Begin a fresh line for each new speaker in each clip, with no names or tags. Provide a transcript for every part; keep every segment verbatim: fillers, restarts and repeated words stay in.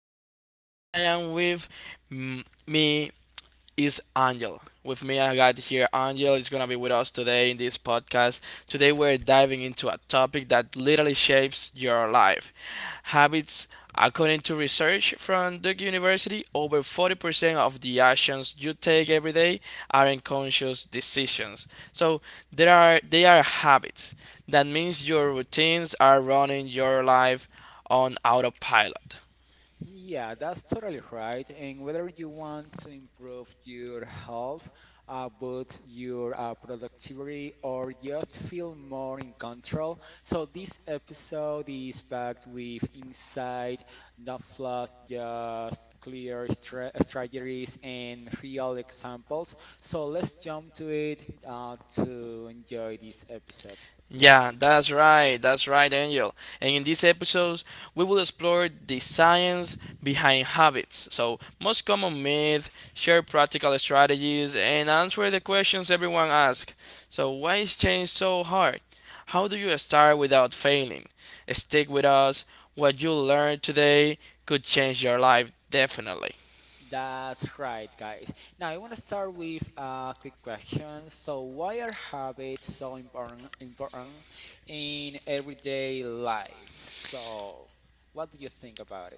I'm Johan and I am with mm, me, is Angel. With me, I got here Angel. Is gonna be with us today in this podcast. Today, we're diving into a topic that literally shapes your life. Habits, according to research from Duke University, over forty percent of the actions you take every day are unconscious decisions. So there are they are habits. That means your routines are running your life on autopilot.
Yeah, that's totally right. And whether you want to improve your health, uh, boost your uh, productivity, or just feel more in control, so this episode is packed with insight, not fluff, just clear stra strategies and real examples. So let's jump to it uh, to enjoy this episode.
Yeah, that's right. That's right, Angel. And in these episodes, we will explore the science behind habits. So, most common myths, share practical strategies, and answer the questions everyone asks. So, why is change so hard? How do you start without failing? Stick with us. What you learned today could change your life, definitely.
That's right, guys. Now, I want to start with a quick question. So, why are habits so important important in everyday life? So, what do you think about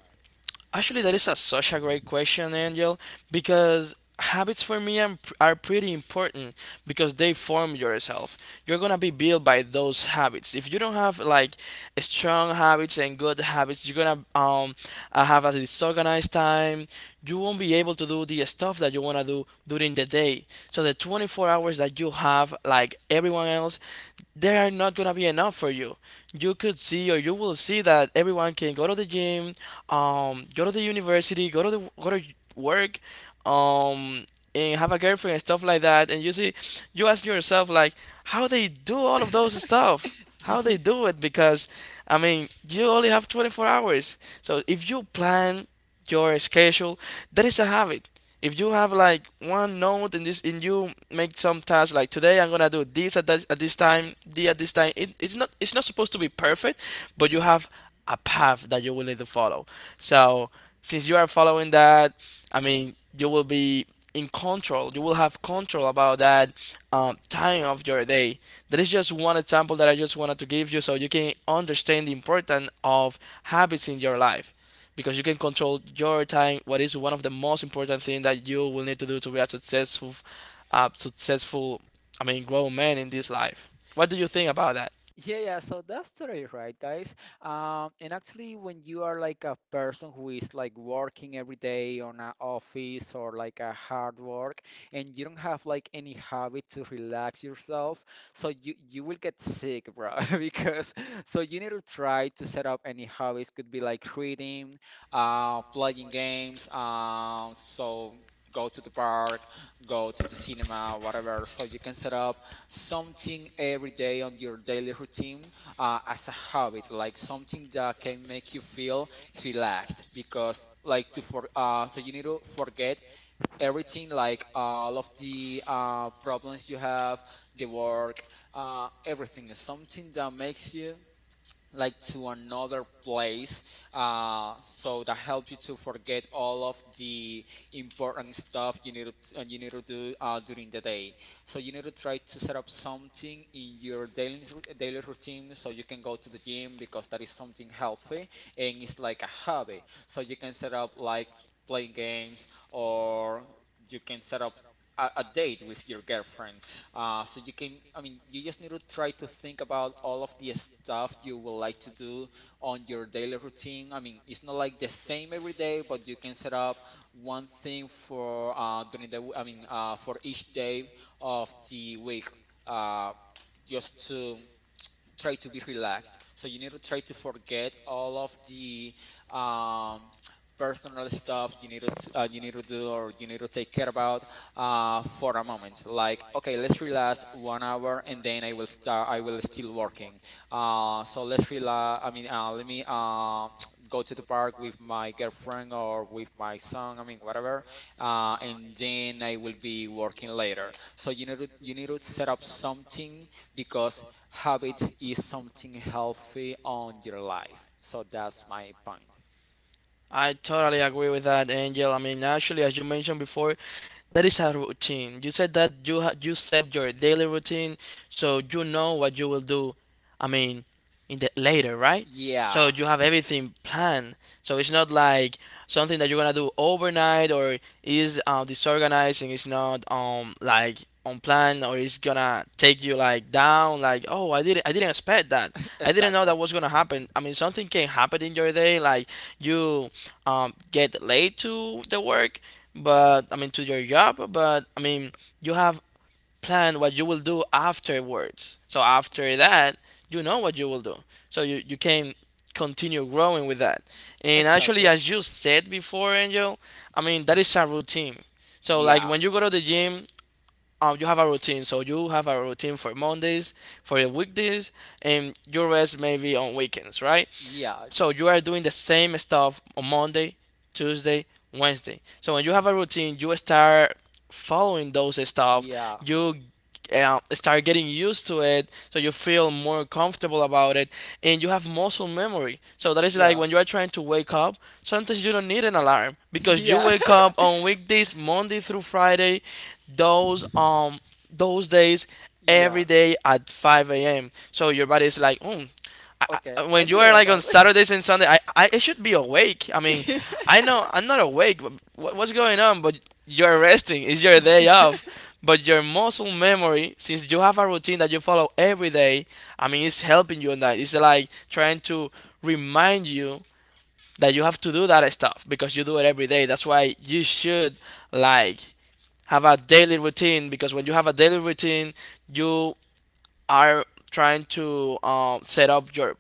Actually, that is a, such a great question, Angel, because habits for me am- are pretty important because they form yourself. You're gonna be built by those habits. If you don't have like strong habits and good habits, you're gonna um uh, have a disorganized time. You won't be able to do the stuff that you wanna do during the day. So the twenty-four hours that you have, like everyone else, they are not gonna be enough for you. You could see or you will see that everyone can go to the gym, um, go to the university, go to the go to work, um, and have a girlfriend and stuff like that, and you see you ask yourself like how they do all of those stuff, how they
it?
do it. Because I mean, you only have twenty-four hours. So if you plan your schedule, that is a habit. If you have like one note and this, and you make some tasks like today I'm gonna do this at this, at this time, the at this time, it, it's not, it's not supposed to be perfect, but you have a path that you will need to follow. So since you are following that, I mean, you will be in control. You will have control about that um, time of your day. That is just one example that I just wanted to give you so you can understand the importance of habits in your life, because you can control your time. What is one of the most important things that you will need to do to be a successful, uh, successful, I mean, grown man in this life? What do you think about that?
Yeah, yeah, so that's totally right, guys. Um, and actually, when you are like a person who is like working every day on an office or like a hard work, and you don't have like any habit to relax yourself, so you you will get sick, bro. Because so you need to try to set up any hobbies. Could be like reading, uh, playing games. Um, so go to the park, go to the cinema, whatever. So you can set up something every day on your daily routine uh, as a habit, like something that can make you feel relaxed. Because like to for uh, so you need to forget everything, like all of the uh, problems you have, the work, uh, everything. Something that makes you like to another place, uh, so that help you to forget all of the important stuff you need to, uh, you need to do uh, during the day, so you need to try to set up something in your daily rou- daily routine so you can go to the gym because that is something healthy, and it's like a hobby, so you can set up like playing games or you can set up a, a date with your girlfriend, uh, so you can, I mean, you just need to try to think about all of the stuff you would like to do on your daily routine. I mean, it's not like the same every day, but you can set up one thing for uh, during the, w- I mean, uh, for each day of the week. Uh, just to try to be relaxed. So you need to try to forget all of the um, personal stuff you need to uh, you need to do or you need to take care about, uh, for a moment. Like, okay, let's relax one hour, and then I will start. I will still working. Uh, so let's relax. I mean, uh, let me, uh, go to the park with my girlfriend or with my son. I mean, whatever. Uh, and then I will be working later. So you need to you need to set up something because habit is something healthy on your life. So that's my point.
I totally agree with that, Angel. I mean, actually, as you mentioned before, that is a routine. You said that you ha- you set your daily routine, so you know what you will do. I mean, in the later, right? So
Yeah,
you have everything planned. So it's not like something that you're gonna do overnight or is uh, disorganized and it's not um like on plan, or it's gonna take you like down. Like oh, I didn't I didn't expect that. I didn't know
exactly.
that was gonna happen. I mean, something can happen in your day, like you um get late to the work, but I mean to your job, but I mean you have planned what you will do afterwards. So after that, you know what you will do. So you, you can continue growing with that. And actually
Exactly.
as you said before, Angel, I mean that is a routine. So like
Yeah,
when you go to the gym, um, you have a routine. So you have a routine for Mondays, for your weekdays, and your rest maybe on weekends, right?
yeah,
So you are doing the same stuff on Monday, Tuesday, Wednesday. So when you have a routine, you start following those stuff.
yeah,
You uh, start getting used to it, so you feel more comfortable about it, and you have muscle memory. So that is like
yeah,
when you are trying to wake up. Sometimes you don't need an alarm because you
yeah,
wake up on weekdays, Monday through Friday, those um those days
yeah.
every day at five a m. So your body is like, oh, I,
Okay,
I-
I
when you
need to
are
wake
like on
up.
Saturdays and Sunday, I, I I should be awake. I mean, I know I'm not awake. But what, what's going on? But you're resting. It's your day off. But your muscle memory, since you have a routine that you follow every day, I mean, it's helping you on that. It's like trying to remind you that you have to do that stuff because you do it every day. That's why you should like have a daily routine, because when you have a daily routine, you are trying to um, set up your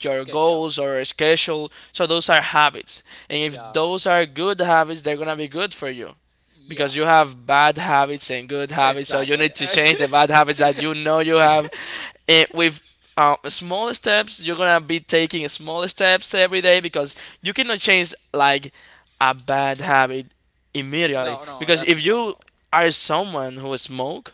your
Special.
goals or schedule. So those are habits, and if
Yeah.
those are good habits, they're gonna be good for you, because
Yeah.
you have bad habits and good habits. So you
Exactly.
need to change the bad habits that you know you have. And with uh, small steps, you're gonna be taking small steps every day, because you cannot change like a bad habit immediately.
No, no,
Because
that's
if you
impossible.
are someone who smoke,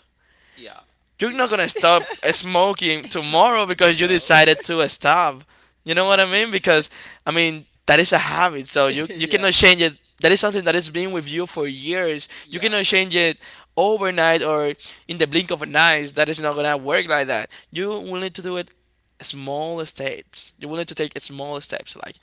Yeah.
you're
It-
not gonna stop smoking tomorrow because you
No.
decided to stop. You know what I
No.
mean? Because I mean that is a habit, so you you
Yeah.
cannot change it. That is something that has been with you for years. You
Yeah.
cannot change it overnight or in the blink of an eye. That is not gonna work like that. You will need to do it small steps. You will need to take small steps. Like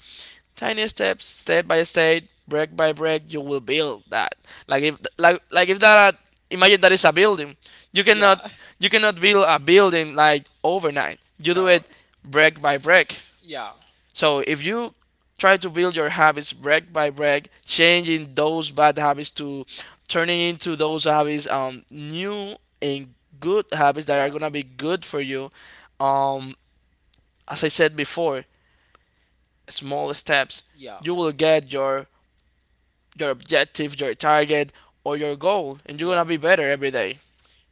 tiny steps, step by step, brick by brick, you will build that. Like if like like if that imagine that is a building, you cannot
Yeah.
you cannot build a building like overnight. You do
No.
it brick by brick.
Yeah.
So if you try to build your habits brick by brick, changing those bad habits to turning into those habits um new and good habits that are
Yeah.
gonna be good for you. Um, as I said before, small steps,
Yeah.
you will get your your objective, your target, or your goal, and you're gonna
Yeah.
be better every day.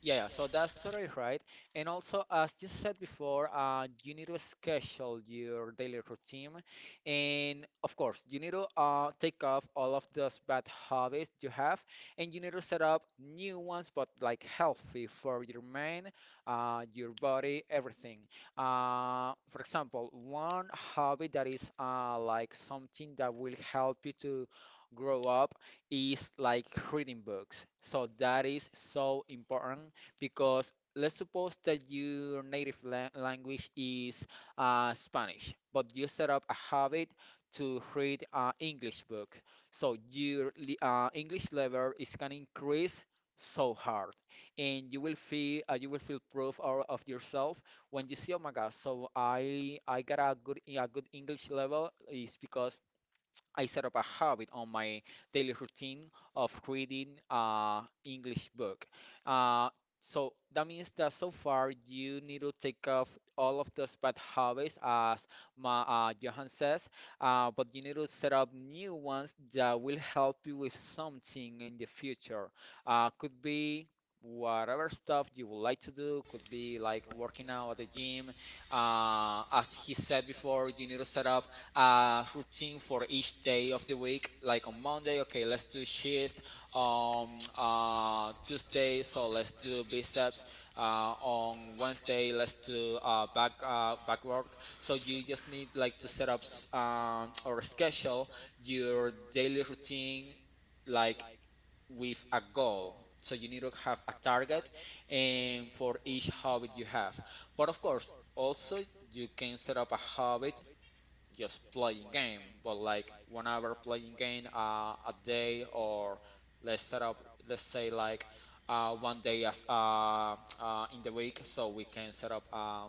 Yeah, yeah, so that's totally right. And also, as you said before, uh, you need to schedule your daily routine. And of course, you need to uh, take off all of those bad habits you have, and you need to set up new ones, but like healthy for your mind, uh, your body, everything. Uh, for example, one hobby that is, uh, like something that will help you to grow up, is like reading books. So that is so important because let's suppose that your native lang language is, uh, Spanish, but you set up a habit to read an English book. So your li- uh, English level is gonna increase so hard, and you will feel uh, you will feel proof or, of yourself when you see, oh my God, so I I got a good a good English level is because I set up a habit on my daily routine of reading an English book. Uh, so that means that so far you need to take off all of those bad habits, as Ma, uh, Johan says, uh, but you need to set up new ones that will help you with something in the future. Uh, could be whatever stuff you would like to do, could be like working out at the gym. Uh, as he said before, you need to set up a routine for each day of the week. Like on Monday, okay, let's do chest. On uh, Tuesday, so let's do biceps. Uh, on Wednesday, let's do uh, back uh, back work. So you just need like to set up s- um, or schedule your daily routine like with a goal. So you need to have a target and for each habit you have. But of course, also you can set up a habit just playing game, but like whenever playing game, uh, a day or let's set up let's say like, uh, one day as uh, uh, in the week so we can set up uh,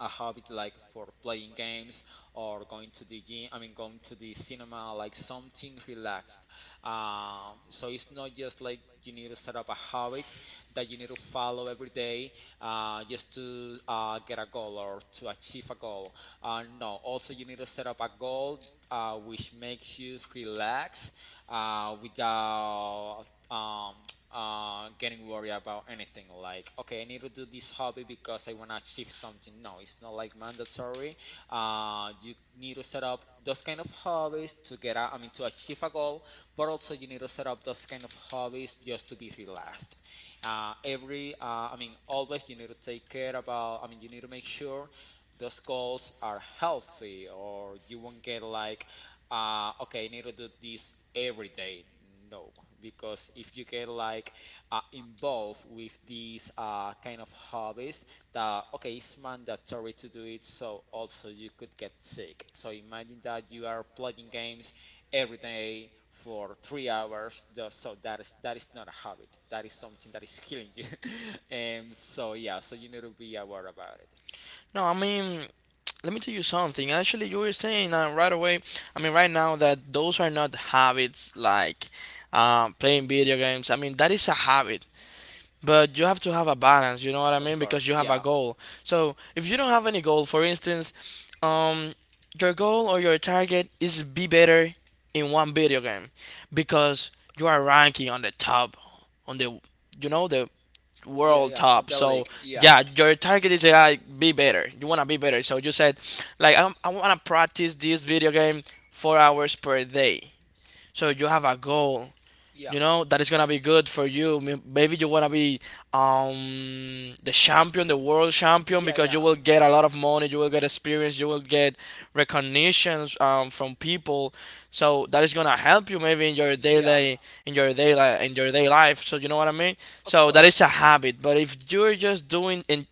a habit like for playing games or going to the gym, I mean, going to the cinema, like something relaxed. Um, so it's not just like you need to set up a habit that you need to follow every day, uh, just to uh, get a goal or to achieve a goal. Uh, no, also you need to set up a goal, uh, which makes you relax uh, without um, uh, getting worried about anything like, okay, I need to do this hobby because I want to achieve something. No, it's not like mandatory. Uh, you need to set up those kind of hobbies to get a, I mean, to achieve a goal, but also you need to set up those kind of hobbies just to be relaxed. Uh, every, uh, I mean, always you need to take care about, I mean, you need to make sure those goals are healthy or you won't get like, uh, okay, I need to do this every day. No, because if you get like, uh, involved with these, uh, kind of hobbies that okay it's mandatory to do it, so also you could get sick. So imagine that you are playing games every day for three hours, just so that is that is not a habit, that is something that is killing you. And so yeah, so you need to be aware about it,
No, I mean, let me tell you something. Actually, you were saying uh, right away, I mean, right now, that those are not habits like uh, playing video games. I mean, that is a habit. But you have to have a balance, you know what I
of
mean?
course.
Because you have a
Yeah,
goal. So, if you don't have any goal, for instance, um, your goal or your target is be better in one video game because you are ranking on the top on the, you know, the
yeah,
world
yeah, on
top.
the
So
league, yeah.
yeah, your target is like be better. You wanna be better. So you said like i I wanna practice this video game four hours per day. So you have a goal.
Yeah.
You know that is gonna be good for you. May- maybe you wanna be um the champion, the world champion,
Yeah,
because you
yeah.
will get a lot of money, you will get experience, you will get recognitions um, from people. So that is gonna help you maybe in your
Yeah,
daily, in your daily in your day life. So you know what I mean.
of
So that is
course.
a habit, but if you're just doing in,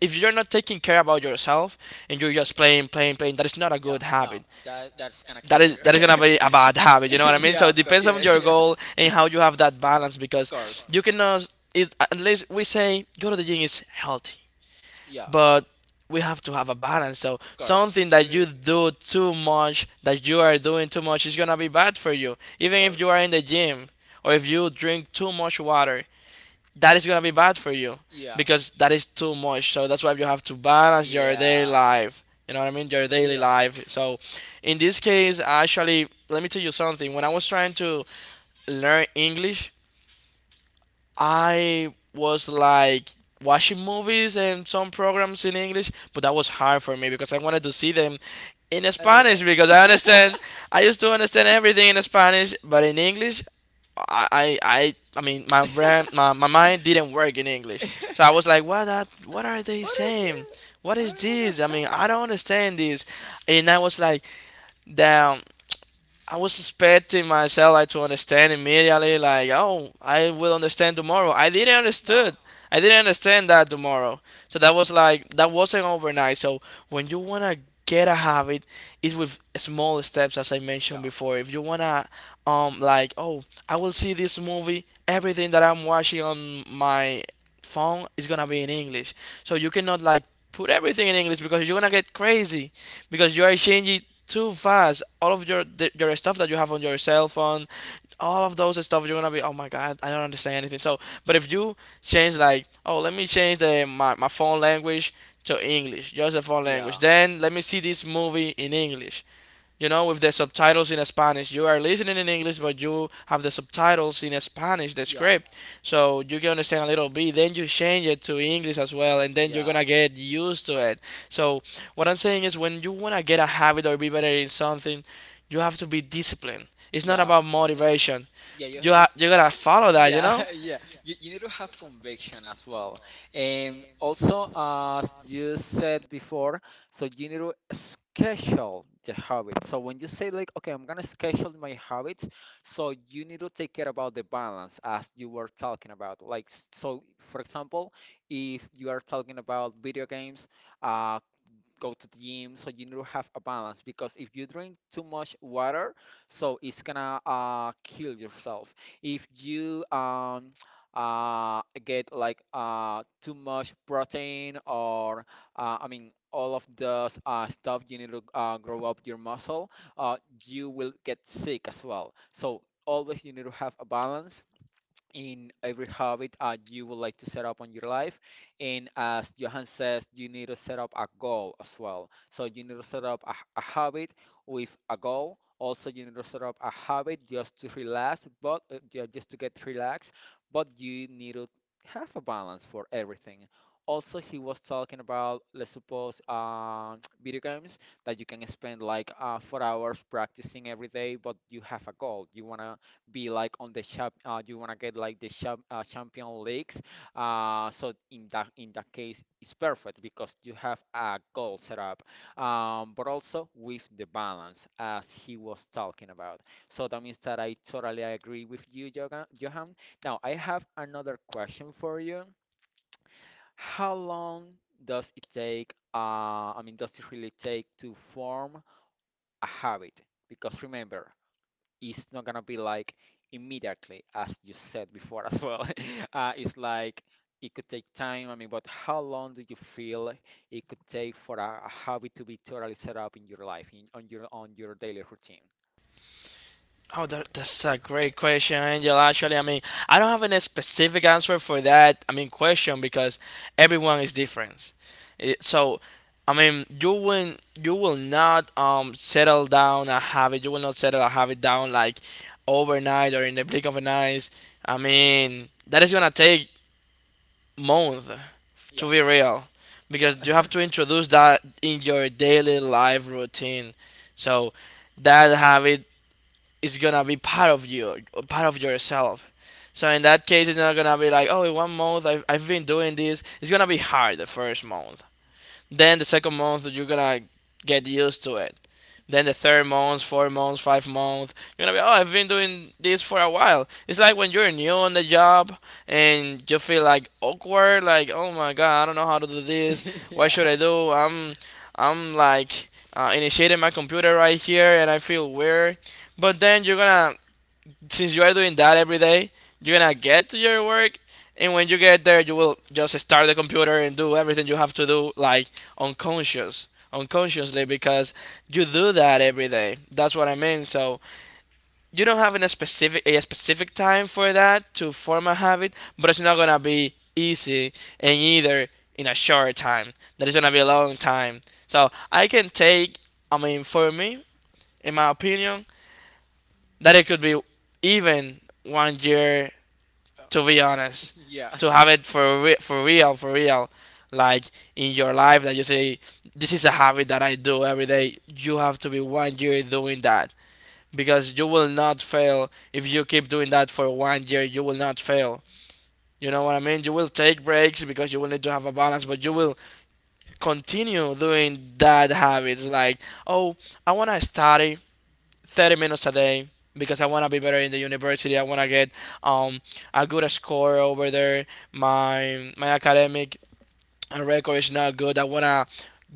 if you're not taking care about yourself, and you're just playing playing playing, that is not a
Yeah,
good
no,
habit.
that that's gonna
That
kill
is
you.
that is gonna be a bad habit. You know what I mean? So
Yeah,
it
of course,
depends
it
on
is.
your
Yeah,
goal and how you have that balance,
of
because
course.
you cannot. It, at least we say go to the gym is healthy,
Yeah,
but we have to have a balance. So
of course.
something
We
that
need,
you do too much, that you are doing too much, is gonna be bad for you.
of
Even if
course.
you are in the gym or if you drink too much water, that is gonna be bad for you,
Yeah.
because that is too much. So that's why you have to balance your daily
Yeah.
life. You know what I mean? Your daily
Yeah.
life. So in this case, actually, let me tell you something. When I was trying to learn English, I was like watching movies and some programs in English, but that was hard for me because I wanted to see them in
Every day.
Spanish because I understand, I used to understand everything in Spanish, but in English I I I, I mean my, brain, my my mind didn't work in English. So I was like what that what are they
What is
saying?
this?
What
I
is
don't
this? I mean
understand.
I don't understand this. And I was like damn, I was expecting myself like to understand immediately, like, oh, I will understand tomorrow. I didn't understood.
No.
I didn't understand that tomorrow. So that was like that wasn't overnight. So when you wanna get a habit, it's with small steps, as I mentioned before. If you wanna, um, like, oh, I will see this movie. Everything that I'm watching on my phone is gonna be in English. So you cannot like put everything in English because you're gonna get crazy because you are changing too fast. All of your the, your stuff that you have on your cell phone, all of those stuff, you're gonna be, oh my god, I don't understand anything. So, but if you change like, oh, let me change the my, my phone language to English, just the phone language.
Yeah. Yeah.
Then let me see this movie in English, you know, with the subtitles in Spanish. You are listening in English, but you have the subtitles in Spanish, the script, so you can understand a little bit. Then you change it to English as well, and then you're gonna get used to it. So what I'm saying is, when you wanna get a habit or be better in something, you have to be disciplined. It's not
Yeah.
about
And
motivation.
yeah, you,
You ha-
you
you gotta follow that, you
yeah,
know.
yeah. You, you need to have conviction as well. And also, as you said before, so you need to schedule the habits. So when you say like, okay, I'm gonna schedule my habits, so you need to take care about the balance as you were talking about. Like, s- so for example, if you are talking about video games, uh, go to the gym, so you need to have a balance because if you drink too much water, so it's gonna uh, kill yourself. If you um uh get like uh too much protein or, uh, I mean all of those uh, stuff you need to uh, grow up your muscle, uh, you will get sick as well. So always you need to have a balance in every habit uh, you would like to set up on your life. And as Johan says, you need to set up a goal as well. So you need to set up a a habit with a goal. Also, you need to set up a habit just to relax, but uh, ju- just to get relaxed. But you need to have a balance for everything. Also, he was talking about, let's suppose, um video games that you can spend like, uh, four hours practicing every day, but you have a goal. You want to be like on the champ uh, you want to get like the champ uh, champion leagues, uh, so in that in that case it's perfect because you have a goal set up, um, but also with the balance as he was talking about. So that means that I totally agree with you, Joga- Johan. Now I have another question for you. How long does it take, uh, I mean does it really take to form a habit, because remember it's not gonna be like immediately, as you said before as well. Uh, it's like it could take time. I mean, but how long do you feel it could take for a, a habit to be totally set up in your life, in on your on your daily routine?
Oh, that, that's a great question, Angel. Actually, I mean, I don't have any specific answer for that. I mean, question because everyone is different. It- so, I mean, you will you will not um settle down a habit. You will not settle a habit down like overnight or in the blink of an eye. I mean, that is gonna take months
Yeah,
to be real
yeah,
because
yeah,
you
yeah.
have to introduce that in your daily life routine. So that habit is gonna be part of you, part of yourself. So in that case, it's not gonna be like, oh, in one month I've, I've been doing this. It's gonna be hard the first month. Then the second month, you're gonna get used to it. Then the third month, four months, five months, you're gonna be, oh, I've been doing this for a while. It's like when you're new on the job and you feel like awkward, like, oh my god, I don't know how to do this. What should I do? I'm, I'm like uh, initiating my computer right here and I feel weird. But then you're gonna since you are doing that every day, you're gonna get to your work, and when you get there, you will just start the computer and do everything you have to do, like unconscious, unconsciously, because you do that every day. That's what I mean. So you don't have a specific a specific time for that to form a habit, but it's not gonna be easy, and either in a short time, that is gonna be a long time. So I can take, I mean, for me, in my opinion, that it could be even one year to be honest, to have it for re- for real, for real, like in your life that you say this is a habit that I do every day. You have to be one year doing that because you will not fail if you keep doing that for one year. You will not fail. You know what I mean? You will take breaks because you will need to have a balance,
Of
but you
course,
will continue doing that habits. Like, oh, I wanna study thirty minutes a day because I want to be better in the university. I want to get um, a good score over there. My my academic record is not good. I want to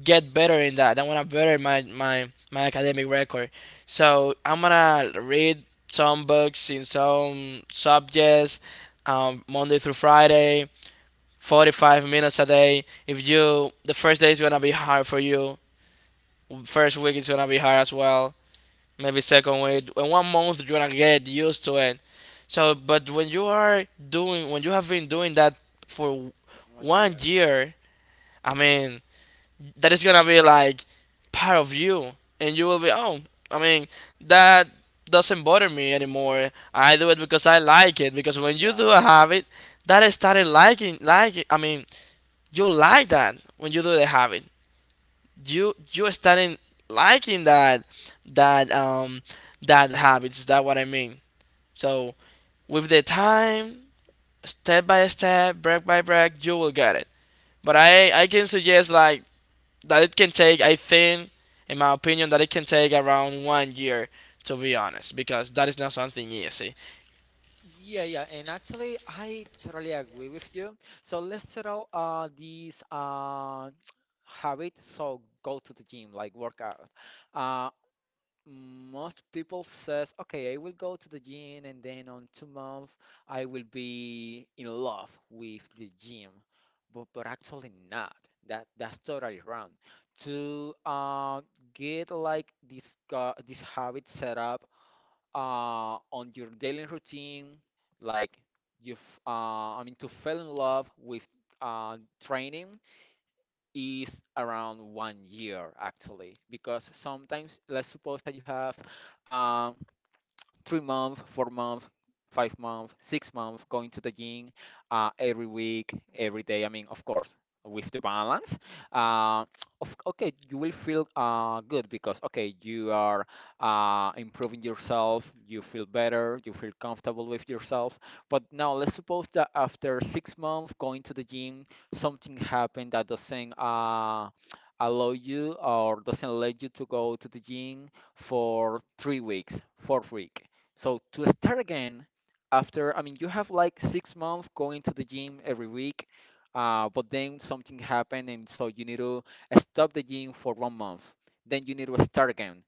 get better in that. I want to better my, my my academic record. So I'm gonna read some books in some subjects um, Monday through Friday, forty-five minutes a day. If you the first day is gonna be hard for you, first week is gonna be hard as well maybe second week. In one month, you're gonna get used to it. So, but when you are doing, when you have been doing that for
one
one
year.
year, I mean, that is gonna be like part of you, and you will be, oh, I mean, that doesn't bother me anymore. I do it because I like it. Because when you
Yeah.
do a habit, that I started liking, like, I mean, you like that when you do the habit you you starting liking that that um that habits. That what I mean. So with the time, step by step, break by break, you will get it. But I I can suggest like that it can take. I think, in my opinion, that it can take around one year to be honest, because that is not something easy.
Yeah, yeah, and actually, I totally agree with you. So let's set out uh, these uh, habit. So go to the gym, like workout. Uh, Most people says, okay, I will go to the gym, and then on two months, I will be in love with the gym. But but actually not. That that's totally wrong. To uh, get like this uh, this habit set up uh, on your daily routine, like you've, uh, I mean, to fall in love with uh, training is around one year actually, because sometimes let's suppose that you have um, three month, four month, five month, six month, going to the gym uh, every week, every day. I mean, of course, with the balance, uh, of, okay, you will feel uh, good because okay, you are uh, improving yourself. You feel better. You feel comfortable with yourself. But now let's suppose that after six months going to the gym, something happened that doesn't uh, allow you or doesn't let you to go to the gym for three weeks, fourth week. So to start again, after, I mean, you have like six months going to the gym every week, uh, but then something happened, and so you need to stop the gym for one month. Then you need to start again.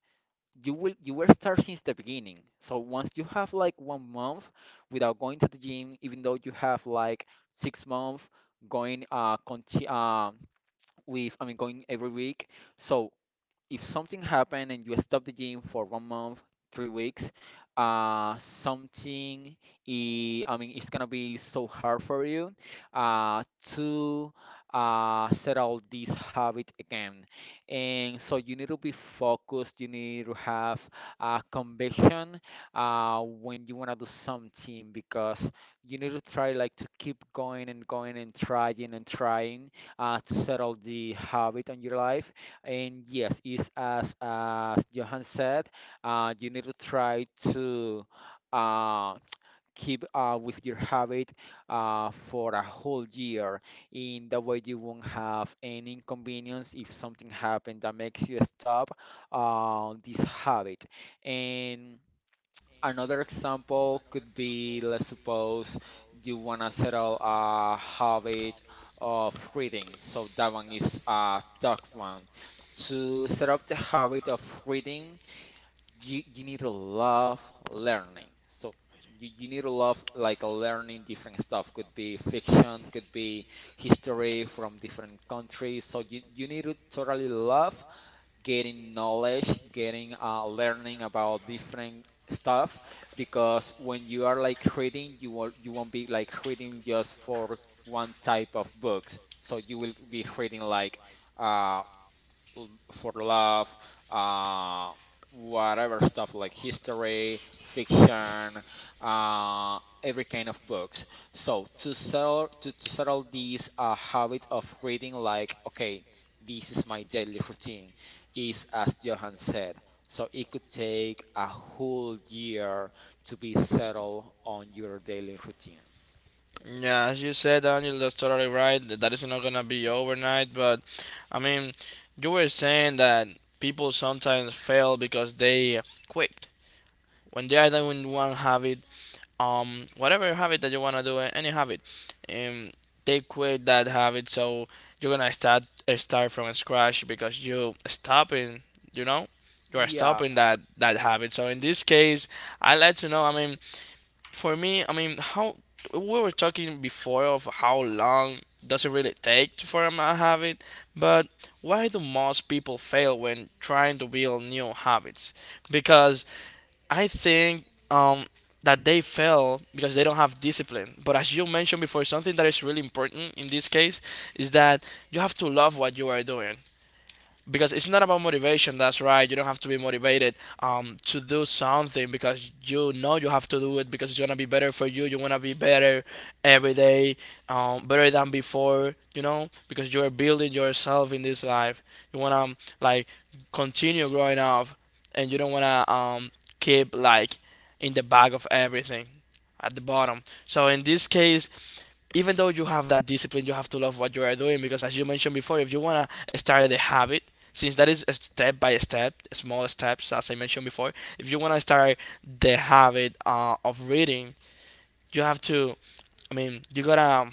You will you will start since the beginning. So once you have like one month without going to the gym, even though you have like six months going uh, conti uh with, I mean, going every week. So if something happened and you stop the gym for one month, three weeks, uh, something I I mean it's gonna be so hard for you uh, to uh, settle this habit again. And so you need to be focused. You need to have uh, conviction uh, when you wanna do something because you need to try like to keep going and going and trying and trying uh, to settle the habit on your life. And yes, it's as as Johan said, uh, you need to try to uh, keep uh, with your habit uh, for a whole year. In that way, you won't have any inconvenience if something happened that makes you stop uh, this habit. And another example could be, let's suppose you want to settle a habit of reading. So that one is a tough one. To set up the habit of reading, you, you need to love learning. So you, you need to love like learning different stuff. Could be fiction, could be history from different countries. So you, you need to totally love getting knowledge, getting uh, learning about different stuff. Because when you are like reading, you will you won't be like reading just for one type of books. So you will be reading like uh, l- for love, uh, whatever stuff like history, fiction, uh, every kind of books. So to settle to, to settle this uh, habit of reading, like okay, this is my daily routine, is as Johan said. So it could take a whole year to be settled on your daily routine.
Yeah, as you said, Daniel, that's totally right. Th- That is not gonna be overnight, but I mean, you were saying that people sometimes fail because they quit when they are doing one habit, um, whatever habit that you wanna do, a- any habit, um, they quit that habit, so you're gonna start uh, start from scratch because you stopping, you know, you are
Yeah.
stopping that that habit. So in this case, I would like to know. I mean, for me, I mean, how we were talking before of how long does it really take to form a habit, but why do most people fail when trying to build new habits? Because I think um, that they fail because they don't have discipline. But as you mentioned before, something that is really important in this case is that you have to love what you are doing because it's not about motivation, that's right, you don't have to be motivated um, to do something because you know you have to do it because it's gonna be better for you, you wanna be better every day, um, better than before, you know, because you're building yourself in this life, you wanna like continue growing up and you don't wanna um, keep like in the back of everything at the bottom, so in this case even though you have that discipline, you have to love what you are doing because, as you mentioned before, if you want to start the habit, since that is a step by step, small steps, as I mentioned before, if you want to start the habit uh, of reading, you have to, I mean, you gotta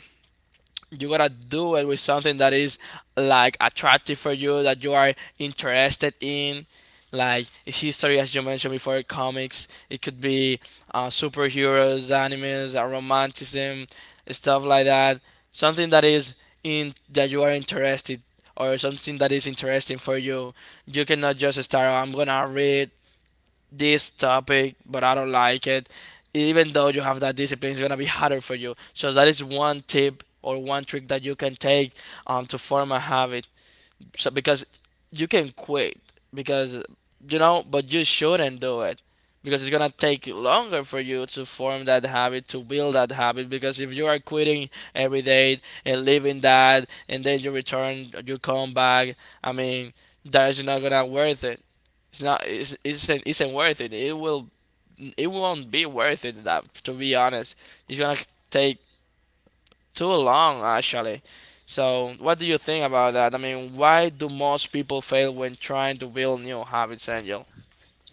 you gotta do it with something that is like attractive for you that you are interested in, like history as you mentioned before, comics, it could be uh, superheroes, animes, uh, romanticism, stuff like that, something that is in that you are interested or something that is interesting for you. You cannot just start, "Oh, I'm gonna read this topic, but I don't like it." Even though you have that discipline, it's gonna be harder for you. So that is one tip or one trick that you can take um, to form a habit, so because you can quit because you know, but you shouldn't do it because it's gonna take longer for you to form that habit, to build that habit. Because if you are quitting every day and leaving that, and then you return, you come back. I mean, that is not gonna worth it. It's not. It's isn't, isn't worth it. It will. It won't be worth it. That to be honest, it's gonna take too long actually. So, what do you think about that? I mean, why do most people fail when trying to build new habits, Angel?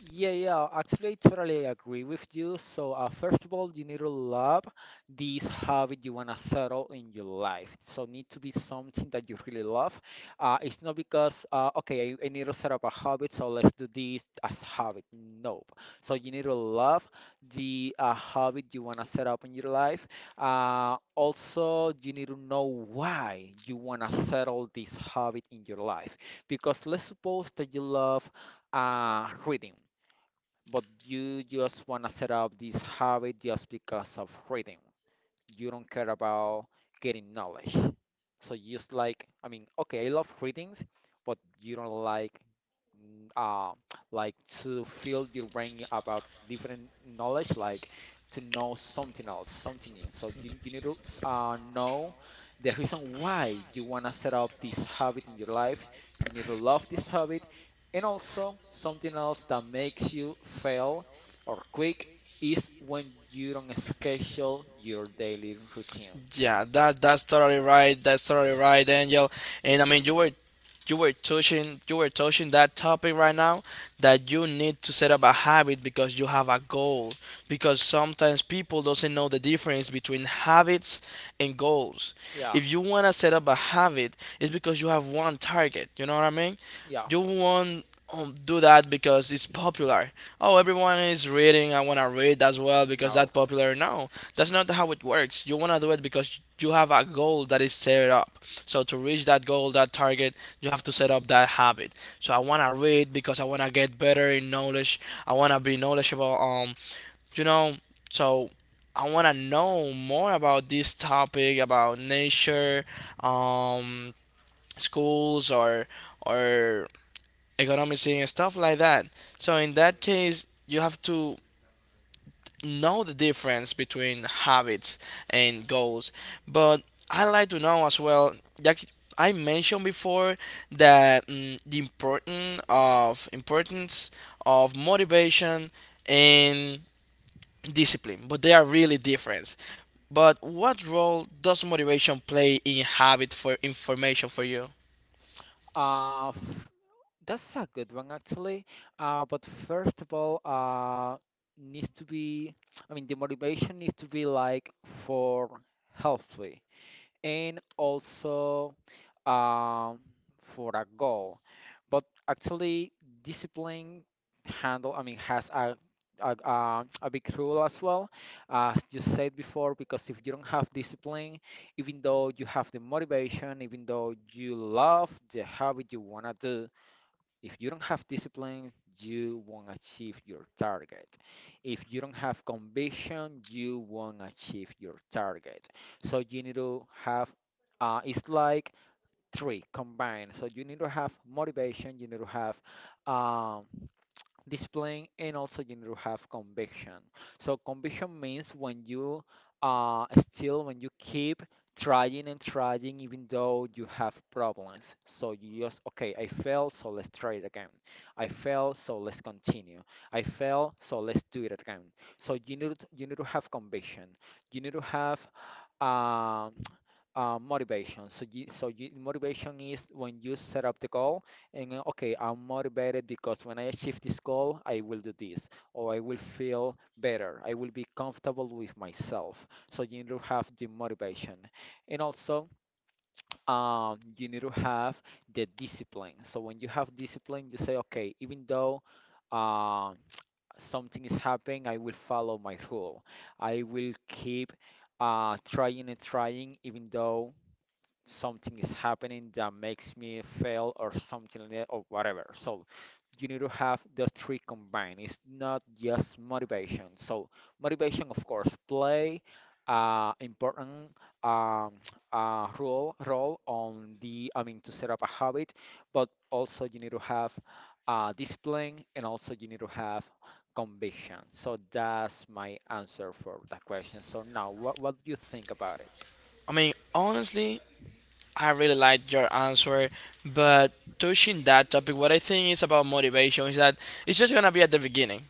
Yeah, yeah, actually, I totally agree with you. So, uh, first of all, you need to love this habit you want to settle in your life. So, need to be something that you really love. Uh, it's not because, uh, okay, I, I need to set up a habit, so let's do this as a habit. No. So, you need to love the uh, habit you want to set up in your life. Uh, also, you need to know why you want to settle this habit in your life. Because let's suppose that you love uh, reading but you just want to set up this habit just because of reading. You don't care about getting knowledge. So you just like, I mean, okay, I love readings, but you don't like n- uh, like to fill your brain about different knowledge, like to know something else, something new. So you, you need to s- uh, know the reason why you want to set up this habit in your life. You need to love this habit, and also something else that makes you fail or quick is when you don't schedule your daily routine.
Yeah, that that's totally right. That's totally right, Angel. And I mean, you were you were touching you were touching that topic right now that you need to set up a habit because you have a goal because sometimes people doesn't know the difference between habits and goals.
Yeah,
If you want to set up a habit it's because you have one target, you know what I mean,
yeah.
you won't um, do that because it's popular, oh everyone is reading, I want to read as well because that's
No.
popular. No, that's not how it works. You want to do it because you have a goal that is set up, so to reach that goal, that target, you have to set up that habit. So I want to read because I want to get better in knowledge. I want to be knowledgeable. Um, you know, so I want to know more about this topic, about nature, um, schools or or economics and stuff like that. So in that case, you have to know the difference between habits and goals. But I like to know as well, like I mentioned before, that mm, the important of importance of motivation and discipline, but they are really different. But what role does motivation play in habit for information for you?
Uh, f- that's a good one actually. Uh, but first of all, uh, needs to be, I mean, the motivation needs to be like for healthy and also um, for a goal. But actually, discipline handle, I mean, has a a, uh, a big role as well, as you said before, because if you don't have discipline, even though you have the motivation, even though you love the habit you wanna do, if you don't have discipline, you won't achieve your target. If you don't have conviction, you won't achieve your target. So you need to have uh, it's like three combined. So you need to have motivation, you need to have um, discipline, and also you need to have conviction. So conviction means when you uh, still, when you keep trying and trying, even though you have problems. So you just, okay, I failed, so let's try it again. I failed, so let's continue. I failed, so let's do it again. So you need to, you need to have conviction. You need to have um uh, motivation. So you, so you, motivation is when you set up the goal and uh, okay, I'm motivated because when I achieve this goal, I will do this, or I will feel better. I will be comfortable with myself. So you need to have the motivation, and also um, you need to have the discipline. So when you have discipline, you say, okay, even though uh, something is happening, I will follow my rule. I will keep uh, trying and trying, even though something is happening that makes me fail or something like that or whatever. So you need to have those three combined. It's not just motivation. So motivation, of course, play uh, important um, uh, role role on the, I mean, to set up a habit, but also you need to have uh, discipline and also you need to have conviction. So that's my answer for that question. So now, what what do you think about it?
I mean, honestly, I really liked your answer, but touching that topic, what I think is about motivation is that it's just gonna be at the beginning.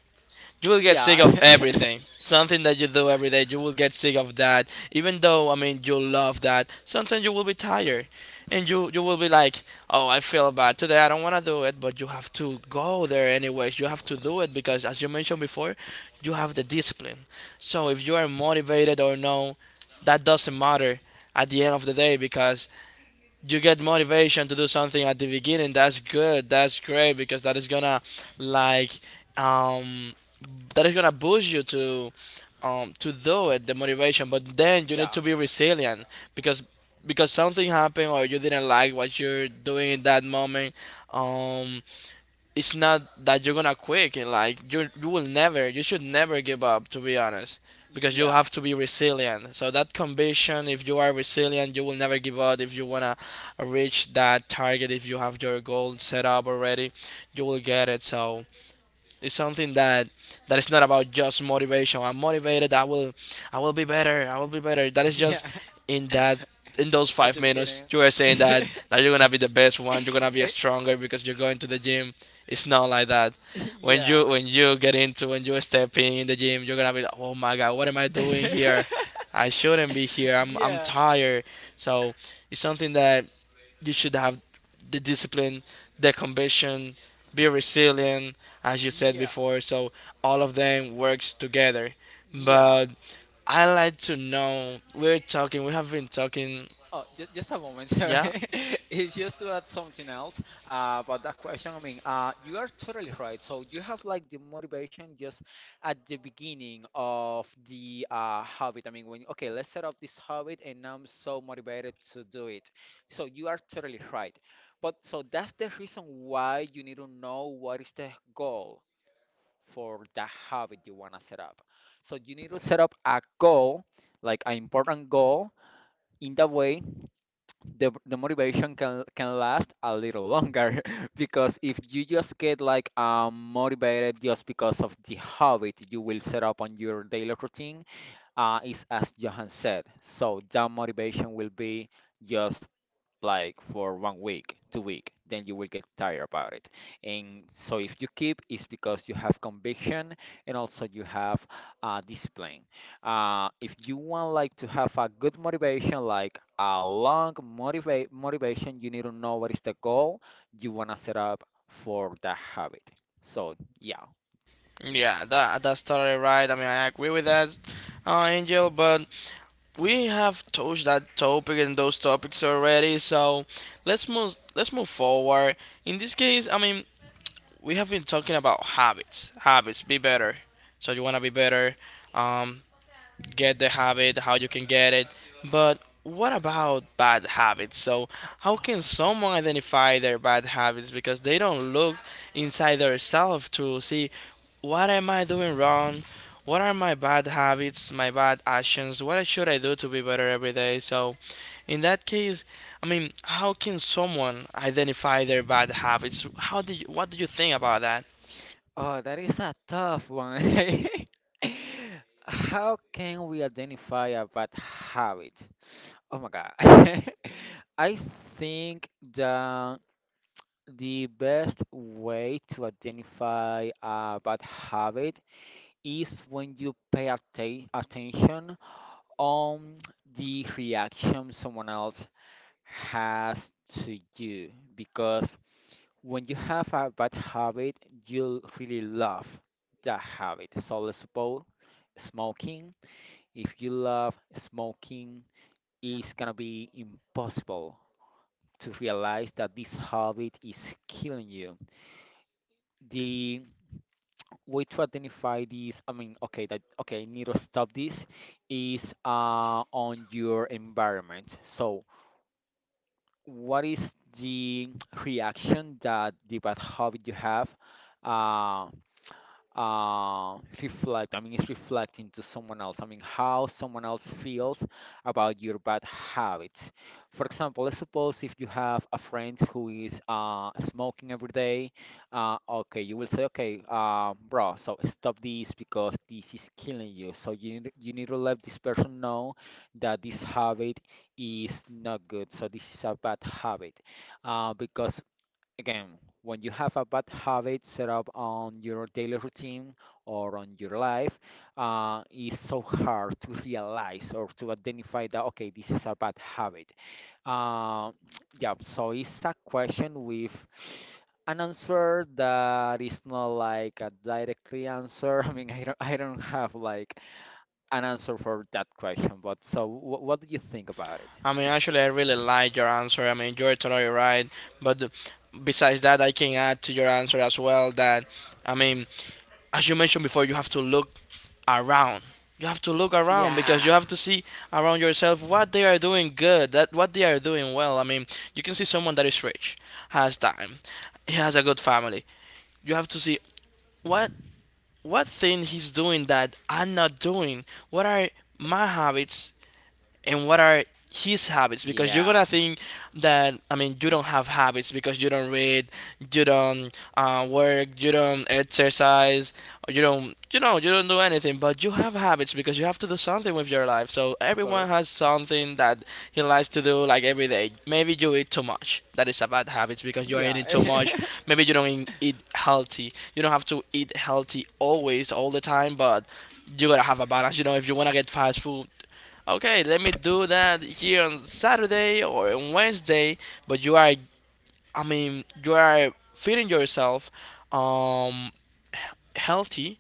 You will get
Yeah.
sick of everything. Something that you do every day, you will get sick of that. Even though, I mean, you love that, sometimes you will be tired, and you you will be like, oh, I feel bad today. I don't wanna do it, but you have to go there anyways. You have to do it because, as you mentioned before, you have the discipline. So if you are motivated or no, that doesn't matter at the end of the day because you get motivation to do something at the beginning. That's good, that's great, because that is gonna like um that is gonna boost you to um to do it, the motivation. But then you need
Yeah.
to be resilient because because something happened or you didn't like what you're doing in that moment. Um it's not that you're gonna quit, and like you you will never, you should never give up, to be honest. Because you
Yeah.
have to be resilient, so that conviction, if you are resilient, you will never give up. If you wanna reach that target, if you have your goal set up already, you will get it. So it's something that that is not about just motivation. I'm motivated. I will I will be better. I will be better. That is just
Yeah,
in that, in those
at
five
the
minutes
beginning.
you are saying that that you're gonna be the best one. You're gonna be
It-
stronger because you're going to the gym. It's not like that. When
yeah.
you when you get into, when you step in, in the gym, you're gonna be like, oh my god, what am I doing here? I shouldn't be here. I'm I'm
Yeah.
tired. So it's something that you should have the discipline, the conviction, be resilient, as you said
Yeah,
before. So all of them works together.
yeah.
But I like to know. We're talking. We have been talking.
Oh, just, just a moment.
Yeah.
It's just to add something else uh, about that question. I mean, uh, you are totally right. So you have like the motivation just at the beginning of the uh, habit. I mean, when okay, let's set up this habit, and I'm so motivated to do it. So you are totally right. But so that's the reason why you need to know what is the goal for the habit you want to set up. So you need to set up a goal, like an important goal. In that way, the, the motivation can, can last a little longer because if you just get like um, motivated just because of the habit you will set up on your daily routine, uh, is as Johan said. So that motivation will be just like for one week, two week, then you will get tired about it. And so if you keep, it's because you have conviction and also you have uh, discipline. Uh, if you want like to have a good motivation, like a long motivate motivation, you need to know what is the goal you wanna set up for that habit. So yeah.
Yeah, that that's totally right. I mean, I agree with that, uh, Angel. But we have touched that topic and those topics already. So let's move. Let's move forward. In this case, I mean, we have been talking about habits. Habits. Be better. So you wanna be better. Um, get the habit, how you can get it. But what about bad habits? So, how can someone identify their bad habits because they don't look inside themselves to see what am I doing wrong? What are my bad habits, my bad actions? What should I do to be better every day? So, in that case, I mean, how can someone identify their bad habits? How do you, what do you think about that?
Oh, that is a tough one. How can we identify a bad habit? Oh my God. I think that the best way to identify a bad habit is when you pay atta attention on the reaction someone else has to you because when you have a bad habit, you'll really love that habit. So let's suppose smoking. If you love smoking, it's gonna be impossible to realize that this habit is killing you. The way to identify this, I mean, okay, that okay, I need to stop this, is uh, on your environment. So what is the reaction that the bad habit you have uh, uh, reflect, I mean, it's reflecting to someone else, I mean, how someone else feels about your bad habits. For example, let's suppose if you have a friend who is uh, smoking every day, uh, okay, you will say okay, uh, bro, so stop this because this is killing you. So you need, you need to let this person know that this habit is not good, so this is a bad habit, uh, because again, when you have a bad habit set up on your daily routine or on your life, uh, it's so hard to realize or to identify that, okay, this is a bad habit. Uh, yeah, so it's a question with an answer that is not like a directly answer. I mean, I don't, I don't have like an answer for that question, but so wh what do you think about it?
I mean, actually, I really like your answer. I mean, you're totally right. But besides that, I can add to your answer as well that, I mean, as you mentioned before, you have to look around. You have to look around because
Yeah,
you have to see around yourself what they are doing good, that what they are doing well. I mean, you can see someone that is rich, has time, he has a good family. You have to see what what thing he's doing that I'm not doing. What are my habits and what are his habits, because you're gonna
yeah.
think that, I mean, you don't have habits because you don't read, you don't uh, work, you don't exercise, or you don't, you know, you don't do anything. But you have habits because you have to do something with your life. So
Of
everyone
course.
has something that he likes to do like every day. Maybe you eat too much. That is a bad habit because you are
Yeah.
eating too much. Maybe you don't eat- eat healthy. You don't have to eat healthy always, all the time, but you gotta have a balance. You know, if you wanna get fast food, okay, let me do that here on Saturday or on Wednesday, but you are, I mean, you are feeding yourself um, healthy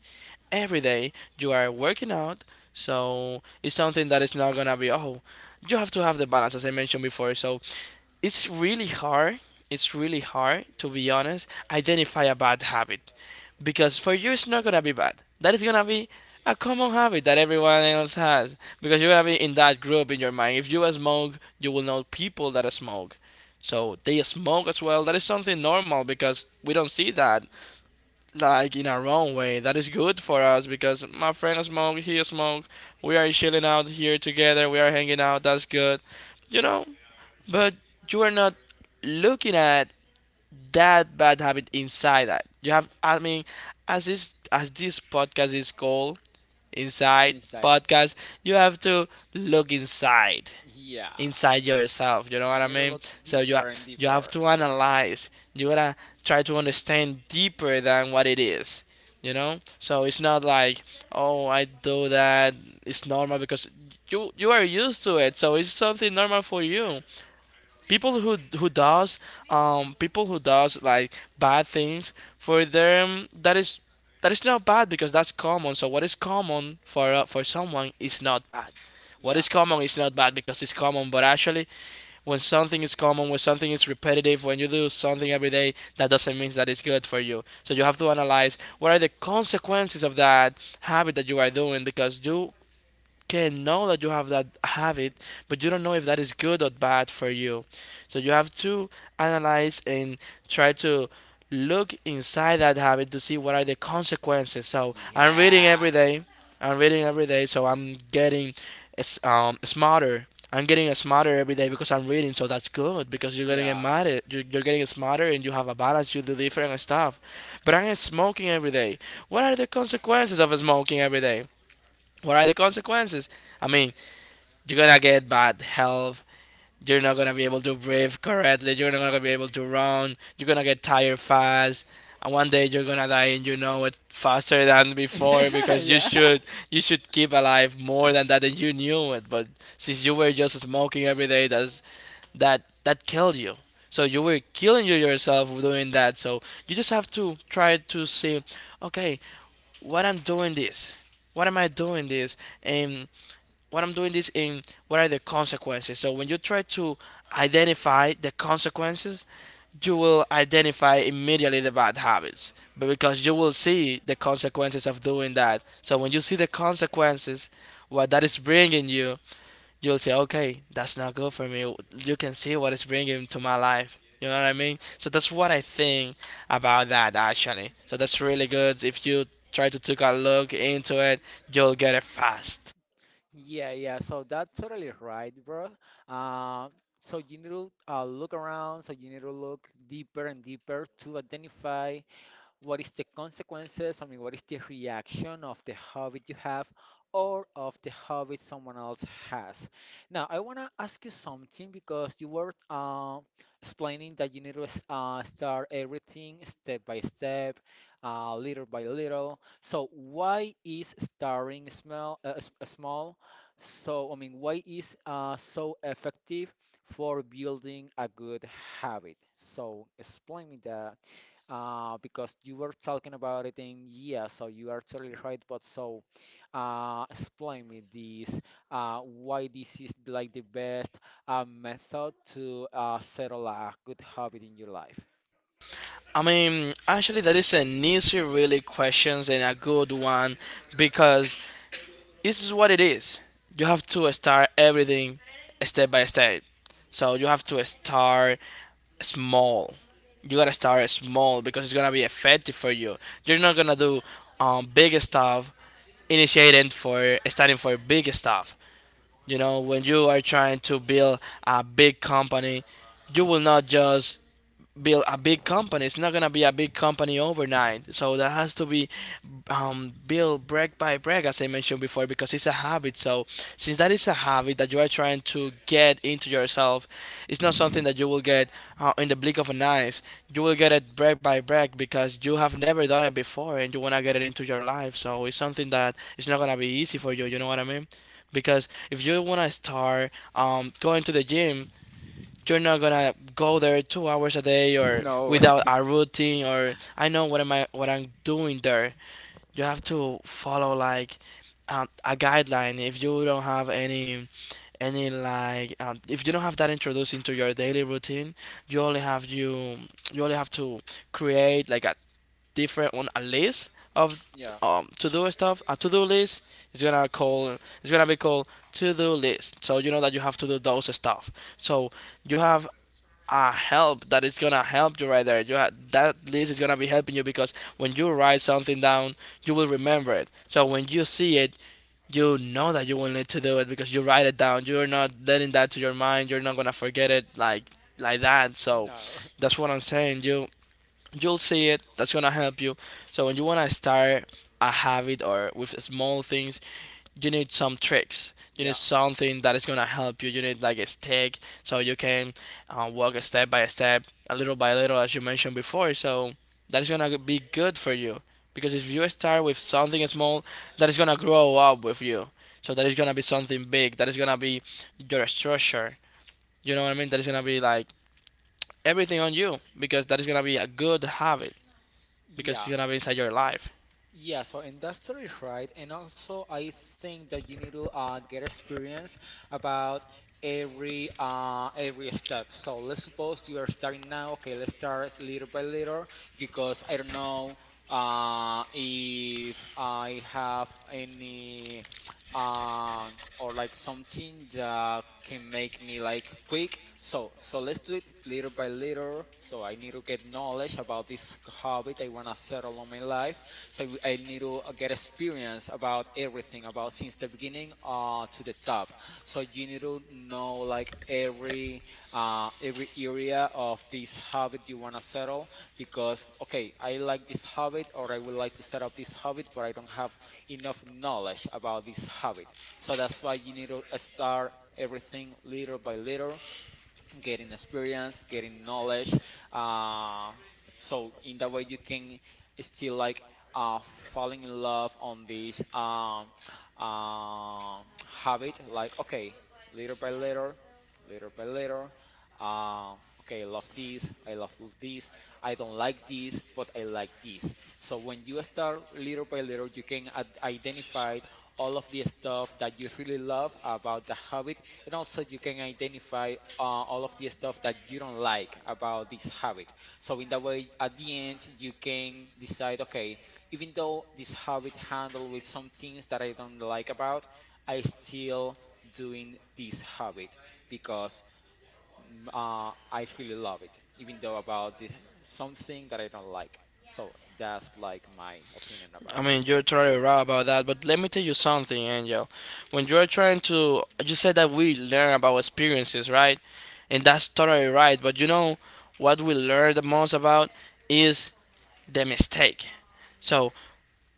every day. You are working out, so it's something that is not gonna be, oh, you have to have the balance, as I mentioned before. So it's really hard. It's really hard, to be honest, identify a bad habit because for you, it's not gonna be bad. That is gonna be a common habit that everyone else has. Because you're gonna be in that group in your mind. If you smoke, you will know people that smoke. So they smoke as well. That is something normal because we don't see that like in our own way. That is good for us because my friend smoke, he smoke. We are chilling out here together. We are hanging out. That's good, you know. But you are not looking at that bad habit inside that you have. I mean, as this as this podcast is called Inside Podcast, you have to look inside,
yeah.
inside yourself, you know what
You
I
need to
mean.
look
So you ha-
deeper and
you have
deeper.
to analyze, you gotta try to understand deeper than what it is, you know. So it's not like, oh, I do that, it's normal, because you you are used to it, so it's something normal for you. People who who does um people who does like bad things for them, that is that is not bad because that's common. So what is common for uh, for someone is not bad. What
Yeah.
is common is not bad because it's common. But actually, when something is common, when something is repetitive, when you do something every day, that doesn't mean that it's good for you. So you have to analyze what are the consequences of that habit that you are doing, because you can know that you have that habit, but you don't know if that is good or bad for you. So you have to analyze and try to look inside that habit to see what are the consequences. So I'm reading
Yeah.
every day. I'm reading every day, so I'm getting s- um, smarter. I'm getting
I
smarter every day because I'm reading, so that's good because you're getting
Yeah.
smarter. You're, you're getting smarter and you have a balance. You do different stuff. But I'm smoking every day. What are the consequences of smoking every day? What are the consequences? I mean, you're gonna get bad health. You're not gonna be able to breathe correctly. You're not gonna be able to run. You're gonna get tired fast. And one day you're gonna die, and you know it faster than before because you
Yeah.
should you should keep alive more than that, and you knew it. But since you were just smoking every day, that's that that killed you. So you were killing you yourself doing that. So you just have to try to see, okay, what I'm doing this, what am I doing this, and what I'm doing this in, what are the consequences. So when you try to identify the consequences, you will identify immediately the bad habits. But because you will see the consequences of doing that. So when you see the consequences, what that is bringing you, you'll say, okay, that's not good for me. You can see what it's bringing to my life. You know what I mean? So that's what I think about that actually. So that's really good. If you try to take a look into it, you'll get it fast.
Yeah, yeah. So that's totally right, bro. Uh, so you need to uh, look around. So you need to look deeper and deeper to identify what is the consequences. I mean, what is the reaction of the habit you have or of the habit someone else has? Now, I want to ask you something because you were uh, explaining that you need to uh, start everything step by step, uh, little by little. So, why is starting small? Uh, s- uh, small? So, I mean, why is uh, so effective for building a good habit? So, explain me that uh, because you were talking about it and yeah, so you are totally right. But so, uh, explain me this, uh, why this is like the best uh, method to uh, settle a good habit in your life.
I mean, actually, that is an easy, really questions and a good one because this is what it is. You have to start everything step by step. So you have to start small. You gotta start small because it's gonna be effective for you. You're not gonna do um, big stuff initiating for starting for big stuff. You know, when you are trying to build a big company, you will not just build a big company. It's not gonna be a big company overnight. So that has to be um, built brick by brick, as I mentioned before, because it's a habit. So since that is a habit that you are trying to get into yourself, it's not something that you will get uh, in the blink of an eye. You will get it brick by brick because you have never done it before, and you wanna get it into your life. So it's something that it's not gonna be easy for you. You know what I mean? Because if you wanna start um, going to the gym, you're not gonna go there two hours a day or
No.
without a routine, or I know what am I, what I'm doing there. You have to follow like um, a guideline. If you don't have any any like um, if you don't have that introduced into your daily routine, you only have you you only have to create like a different on a list of
Yeah,
um, to do stuff, a to do list is gonna call it's gonna be called to do list, so you know that you have to do those stuff. So you have a help that is gonna help you right there. You ha- that list is gonna be helping you because when you write something down, you will remember it. So when you see it, you know that you will need to do it because you write it down. You're not letting that to your mind. You're not gonna forget it like like that. So that's what I'm saying. You you'll see it. That's gonna help you. So when you wanna start a habit or with small things, you need some tricks. You need something that is gonna help you. You need like a stick so you can uh, walk step by step, a little by little, as you mentioned before. So that is gonna be good for you because if you start with something small, that is gonna grow up with you. So that is gonna be something big. That is gonna be your structure. You know what I mean? That is gonna be like everything on you because that is gonna be a good habit because it's
yeah,
gonna be inside your life.
yeah, so and that's totally right. And also, I think that you need to uh, get experience about every uh, every step. So let's suppose you are starting now. Okay, let's start little by little because I don't know uh, if I have any. um or like something that can make me like quick. So so let's do it little by little. So I need to get knowledge about this habit I wanna settle on my life. So I need to uh, get experience about everything about since the beginning uh to the top. So you need to know like every uh every area of this habit you wanna settle because okay, I like this habit or I would like to set up this habit, but I don't have enough knowledge about this habit. So that's why you need to uh, start everything little by little, getting experience, getting knowledge. Uh, so in that way, you can still like uh, fall in love on this um, uh, habit. Like okay, little by little, little by little. Um, okay, I love this. I love this. I don't like this, but I like this. So when you start little by little, you can ad- identify all of the stuff that you really love about the habit, and also you can identify uh, all of the stuff that you don't like about this habit. So in that way at the end you can decide, okay, even though this habit handle with some things that I don't like about, I still doing this habit because mm, uh, I really love it even though about the, something that I don't like. So that's like my opinion about
I
it.
mean, you're totally right about that, but let me tell you something, Angel. When you're trying to, you said that we learn about experiences, right? And that's totally right. But you know what we learn the most about is the mistake. So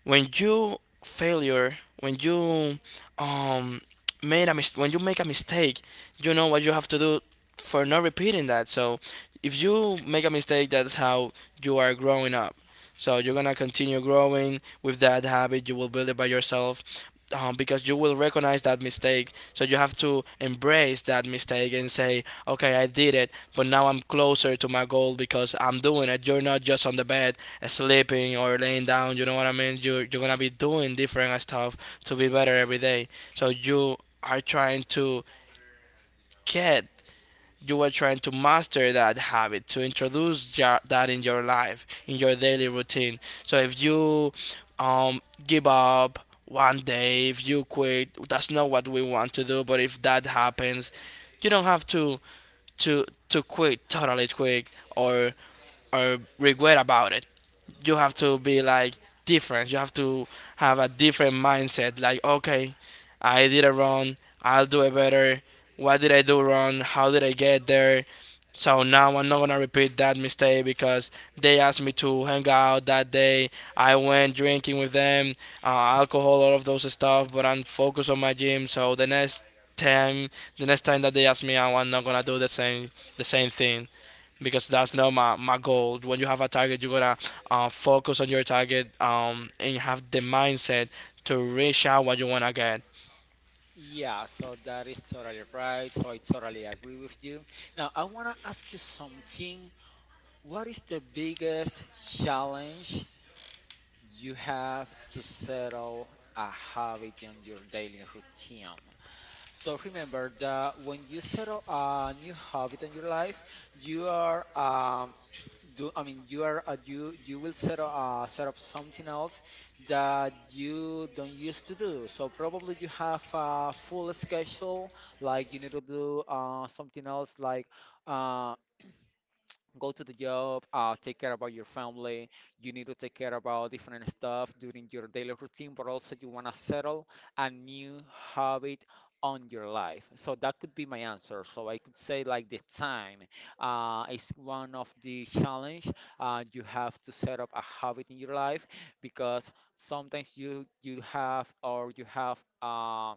when you failure when you um made a mis- when you make a mistake, you know what you have to do for not repeating that. So if you make a mistake, that's how you are growing up. So you're gonna continue growing with that habit. You will build it by yourself, um, because you will recognize that mistake. So you have to embrace that mistake and say, okay, I did it, but now I'm closer to my goal because I'm doing it. You're not just on the bed sleeping or laying down, you know what I mean. You're, you're gonna be doing different stuff to be better every day. So you are trying to get, you are trying to master that habit, to introduce ja- that in your life, in your daily routine. So if you um, give up one day, if you quit, that's not what we want to do, but if that happens, you don't have to to to quit totally quick, or or regret about it. You have to be like different. You have to have a different mindset. Like, okay, I did it wrong. I'll do it better. What did I do wrong? How did I get there? So now I'm not gonna repeat that mistake because they asked me to hang out that day. I went drinking with them, uh, alcohol, all of those stuff. But I'm focused on my gym. So the next time, the next time that they ask me, oh, I'm not gonna do the same, the same thing because that's not my, my goal. When you have a target, you gotta uh, focus on your target, um, and have the mindset to reach out what you wanna get.
Yeah, so that is totally right. So I totally agree with you. Now, I want to ask you something. What is the biggest challenge you have to settle a habit in your daily routine? So remember that when you settle a new habit in your life, you are um, do I mean you are uh, you you will set up uh, set up something else that you don't used to do. So probably you have a full schedule, like you need to do uh, something else like. uh, go to the job, uh, take care about your family. You need to take care about different stuff during your daily routine, but also you want to settle a new habit on your life. So that could be my answer. So I could say like the time uh, is one of the challenge. Uh, you have to set up a habit in your life because sometimes you you have or you have. um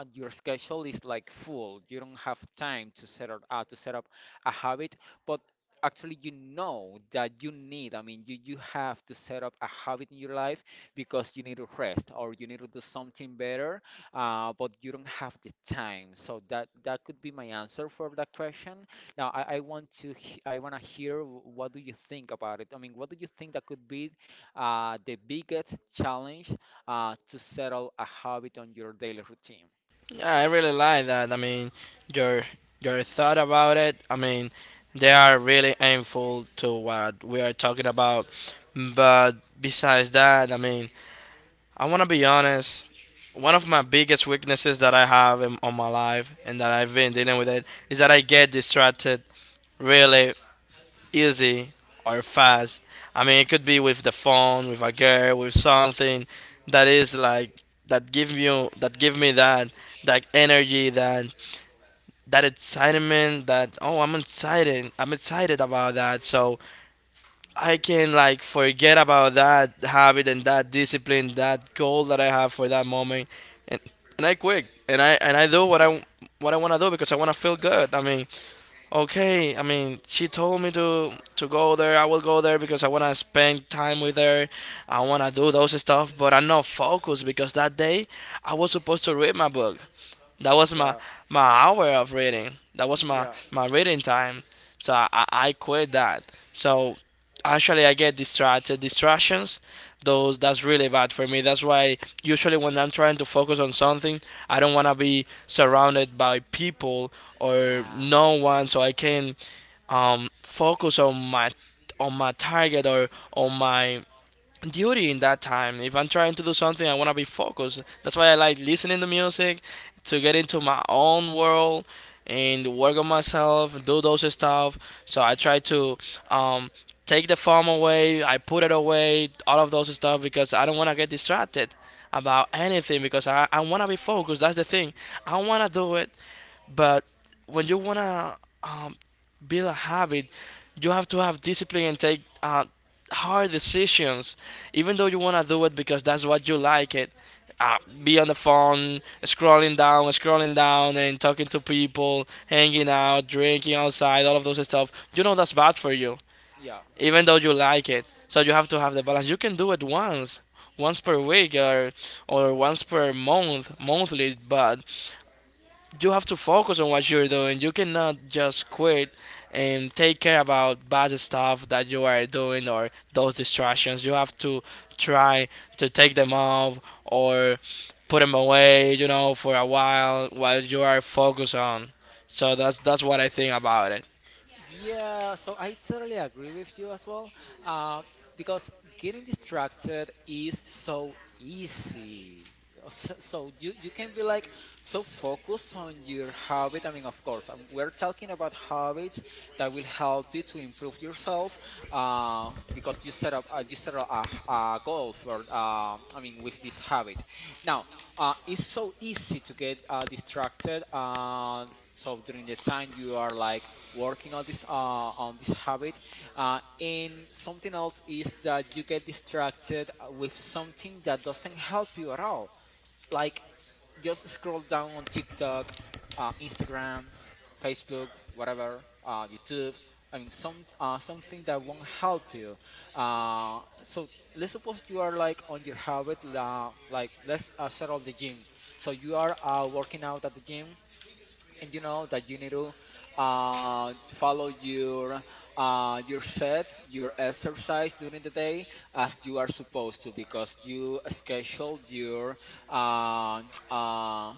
And your schedule is like full, you don't have time to set up uh, to set up a habit, but actually you know that you need. I mean you, you have to set up a habit in your life because you need to rest or you need to do something better, uh, but you don't have the time. So that that could be my answer for that question. Now I, I want to he- i want to hear wh- what do you think about it. I mean, what do you think that could be uh, the biggest challenge uh, to settle a habit on your daily routine.
Yeah, I really like that. I mean, your your thought about it. I mean, they are really aimful to what we are talking about. But besides that, I mean, I wanna be honest. One of my biggest weaknesses that I have in, on my life and that I've been dealing with it is that I get distracted really easy or fast. I mean, it could be with the phone, with a girl, with something that is like that give you that give me that that energy, that that excitement, that, oh, I'm excited, I'm excited about that. So I can like forget about that habit and that discipline, that goal that I have for that moment, and and I quit and I and I do what I what I want to do because I want to feel good. I mean, okay, I mean she told me to to go there, I will go there because I want to spend time with her. I want to do those stuff, but I'm not focused because that day I was supposed to read my book. That was my
Yeah.
my hour of reading. That was my my reading time. So I, I I quit that. So actually, I get distracted. Distractions, those that's really bad for me. That's why usually when I'm trying to focus on something, I don't wanna be surrounded by people or no one, so I can um focus on my on my target, or on my duty in that time. If I'm trying to do something, I want to be focused. That's why I like listening to music to get into my own world and work on myself, do those stuff. So I try to um, take the phone away, I put it away, all of those stuff because I don't want to get distracted about anything because I, I want to be focused. That's the thing. I want to do it. But when you wanna um, build a habit, you have to have discipline and take uh, hard decisions, even though you wanna do it because that's what you like it. Uh, be on the phone, scrolling down, scrolling down, and talking to people, hanging out, drinking outside, all of those stuff. You know that's bad for you,
Yeah.
even though you like it. So you have to have the balance. You can do it once, once per week, or or once per month, monthly, but you have to focus on what you're doing. You cannot just quit and take care about bad stuff that you are doing or those distractions. You have to try to take them off or put them away, you know, for a while while you are focused on. So that's that's what I think about it.
Yeah, so I totally agree with you as well. Uh, because getting distracted is so easy. Uh, so, so you, you can be like so focused on your habit. I mean, of course, um, we're talking about habits that will help you to improve yourself. Uh, because you set up uh, you set up a, h- a goal for uh, I mean with this habit. Now, uh, it's so easy to get uh, distracted. Uh, so during the time you are like working on this uh, on this habit. Uh, and something else is that you get distracted uh, with something that doesn't help you at all. Like just scroll down on TikTok, uh, Instagram, Facebook, whatever, uh, YouTube. I mean, some uh, something that won't help you. Uh, so let's suppose you are like on your habit, uh, like let's uh, settle the gym. So you are uh, working out at the gym and you know that you need to uh, follow your uh, your set, your exercise during the day as you are supposed to because you scheduled your uh, uh,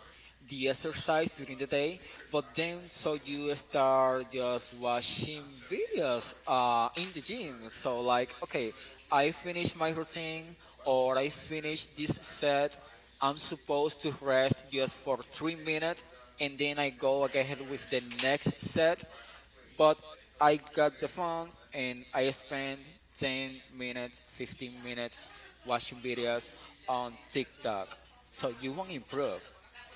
the exercise during the day. But then so you start just watching videos uh, in the gym. So like okay, I finish my routine or I finish this set. I'm supposed to rest just for three minutes and then I go ahead with the next set. But I got the phone and I spend ten minutes, fifteen minutes watching videos on TikTok. So you won't improve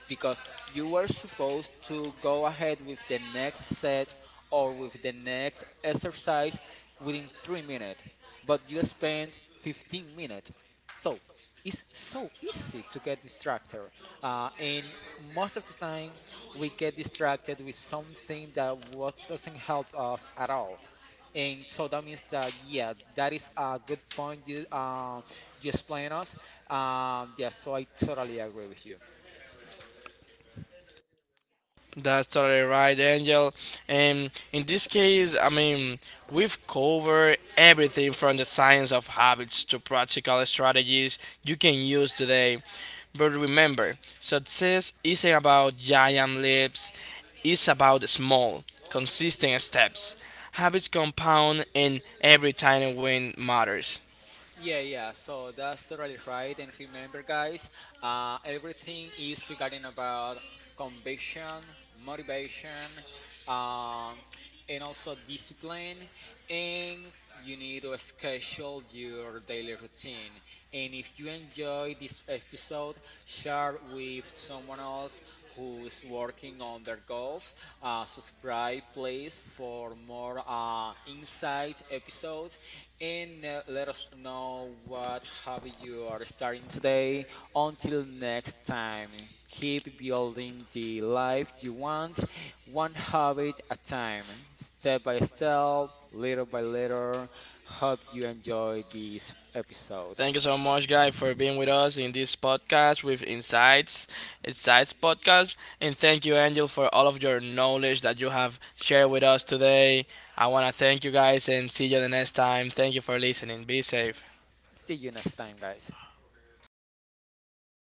because you were supposed to go ahead with the next set or with the next exercise within three minutes, but you spent fifteen minutes. So it's so easy to get distracted. Uh, and most of the time, we get distracted with something that what doesn't help us at all. And so that means that yeah, that is a good point you uh, you explain us. Um, yeah, so I totally agree with you.
That's totally right, Angel. And in this case, I mean, we've covered everything from the science of habits to practical strategies you can use today. But remember, success isn't about giant leaps, it's about small, consistent steps. Habits compound, and every tiny win matters.
Yeah, yeah. So that's totally right. And remember, guys, uh, everything is regarding about conviction, motivation, um, and also discipline. And you need to schedule your daily routine. And if you enjoy this episode, share with someone else who's working on their goals. Uh, subscribe, please, for more uh, insights episodes and uh, let us know what hobby you are starting today. Until next time, keep building the life you want, one hobby at a time, step by step, little by little. Hope you enjoy this episode.
Thank you so much, guys, for being with us in this podcast with Insights, Insights Podcast. And thank you, Angel, for all of your knowledge that you have shared with us today. I want to thank you guys and see you the next time. Thank you for listening. Be safe.
See you next time, guys.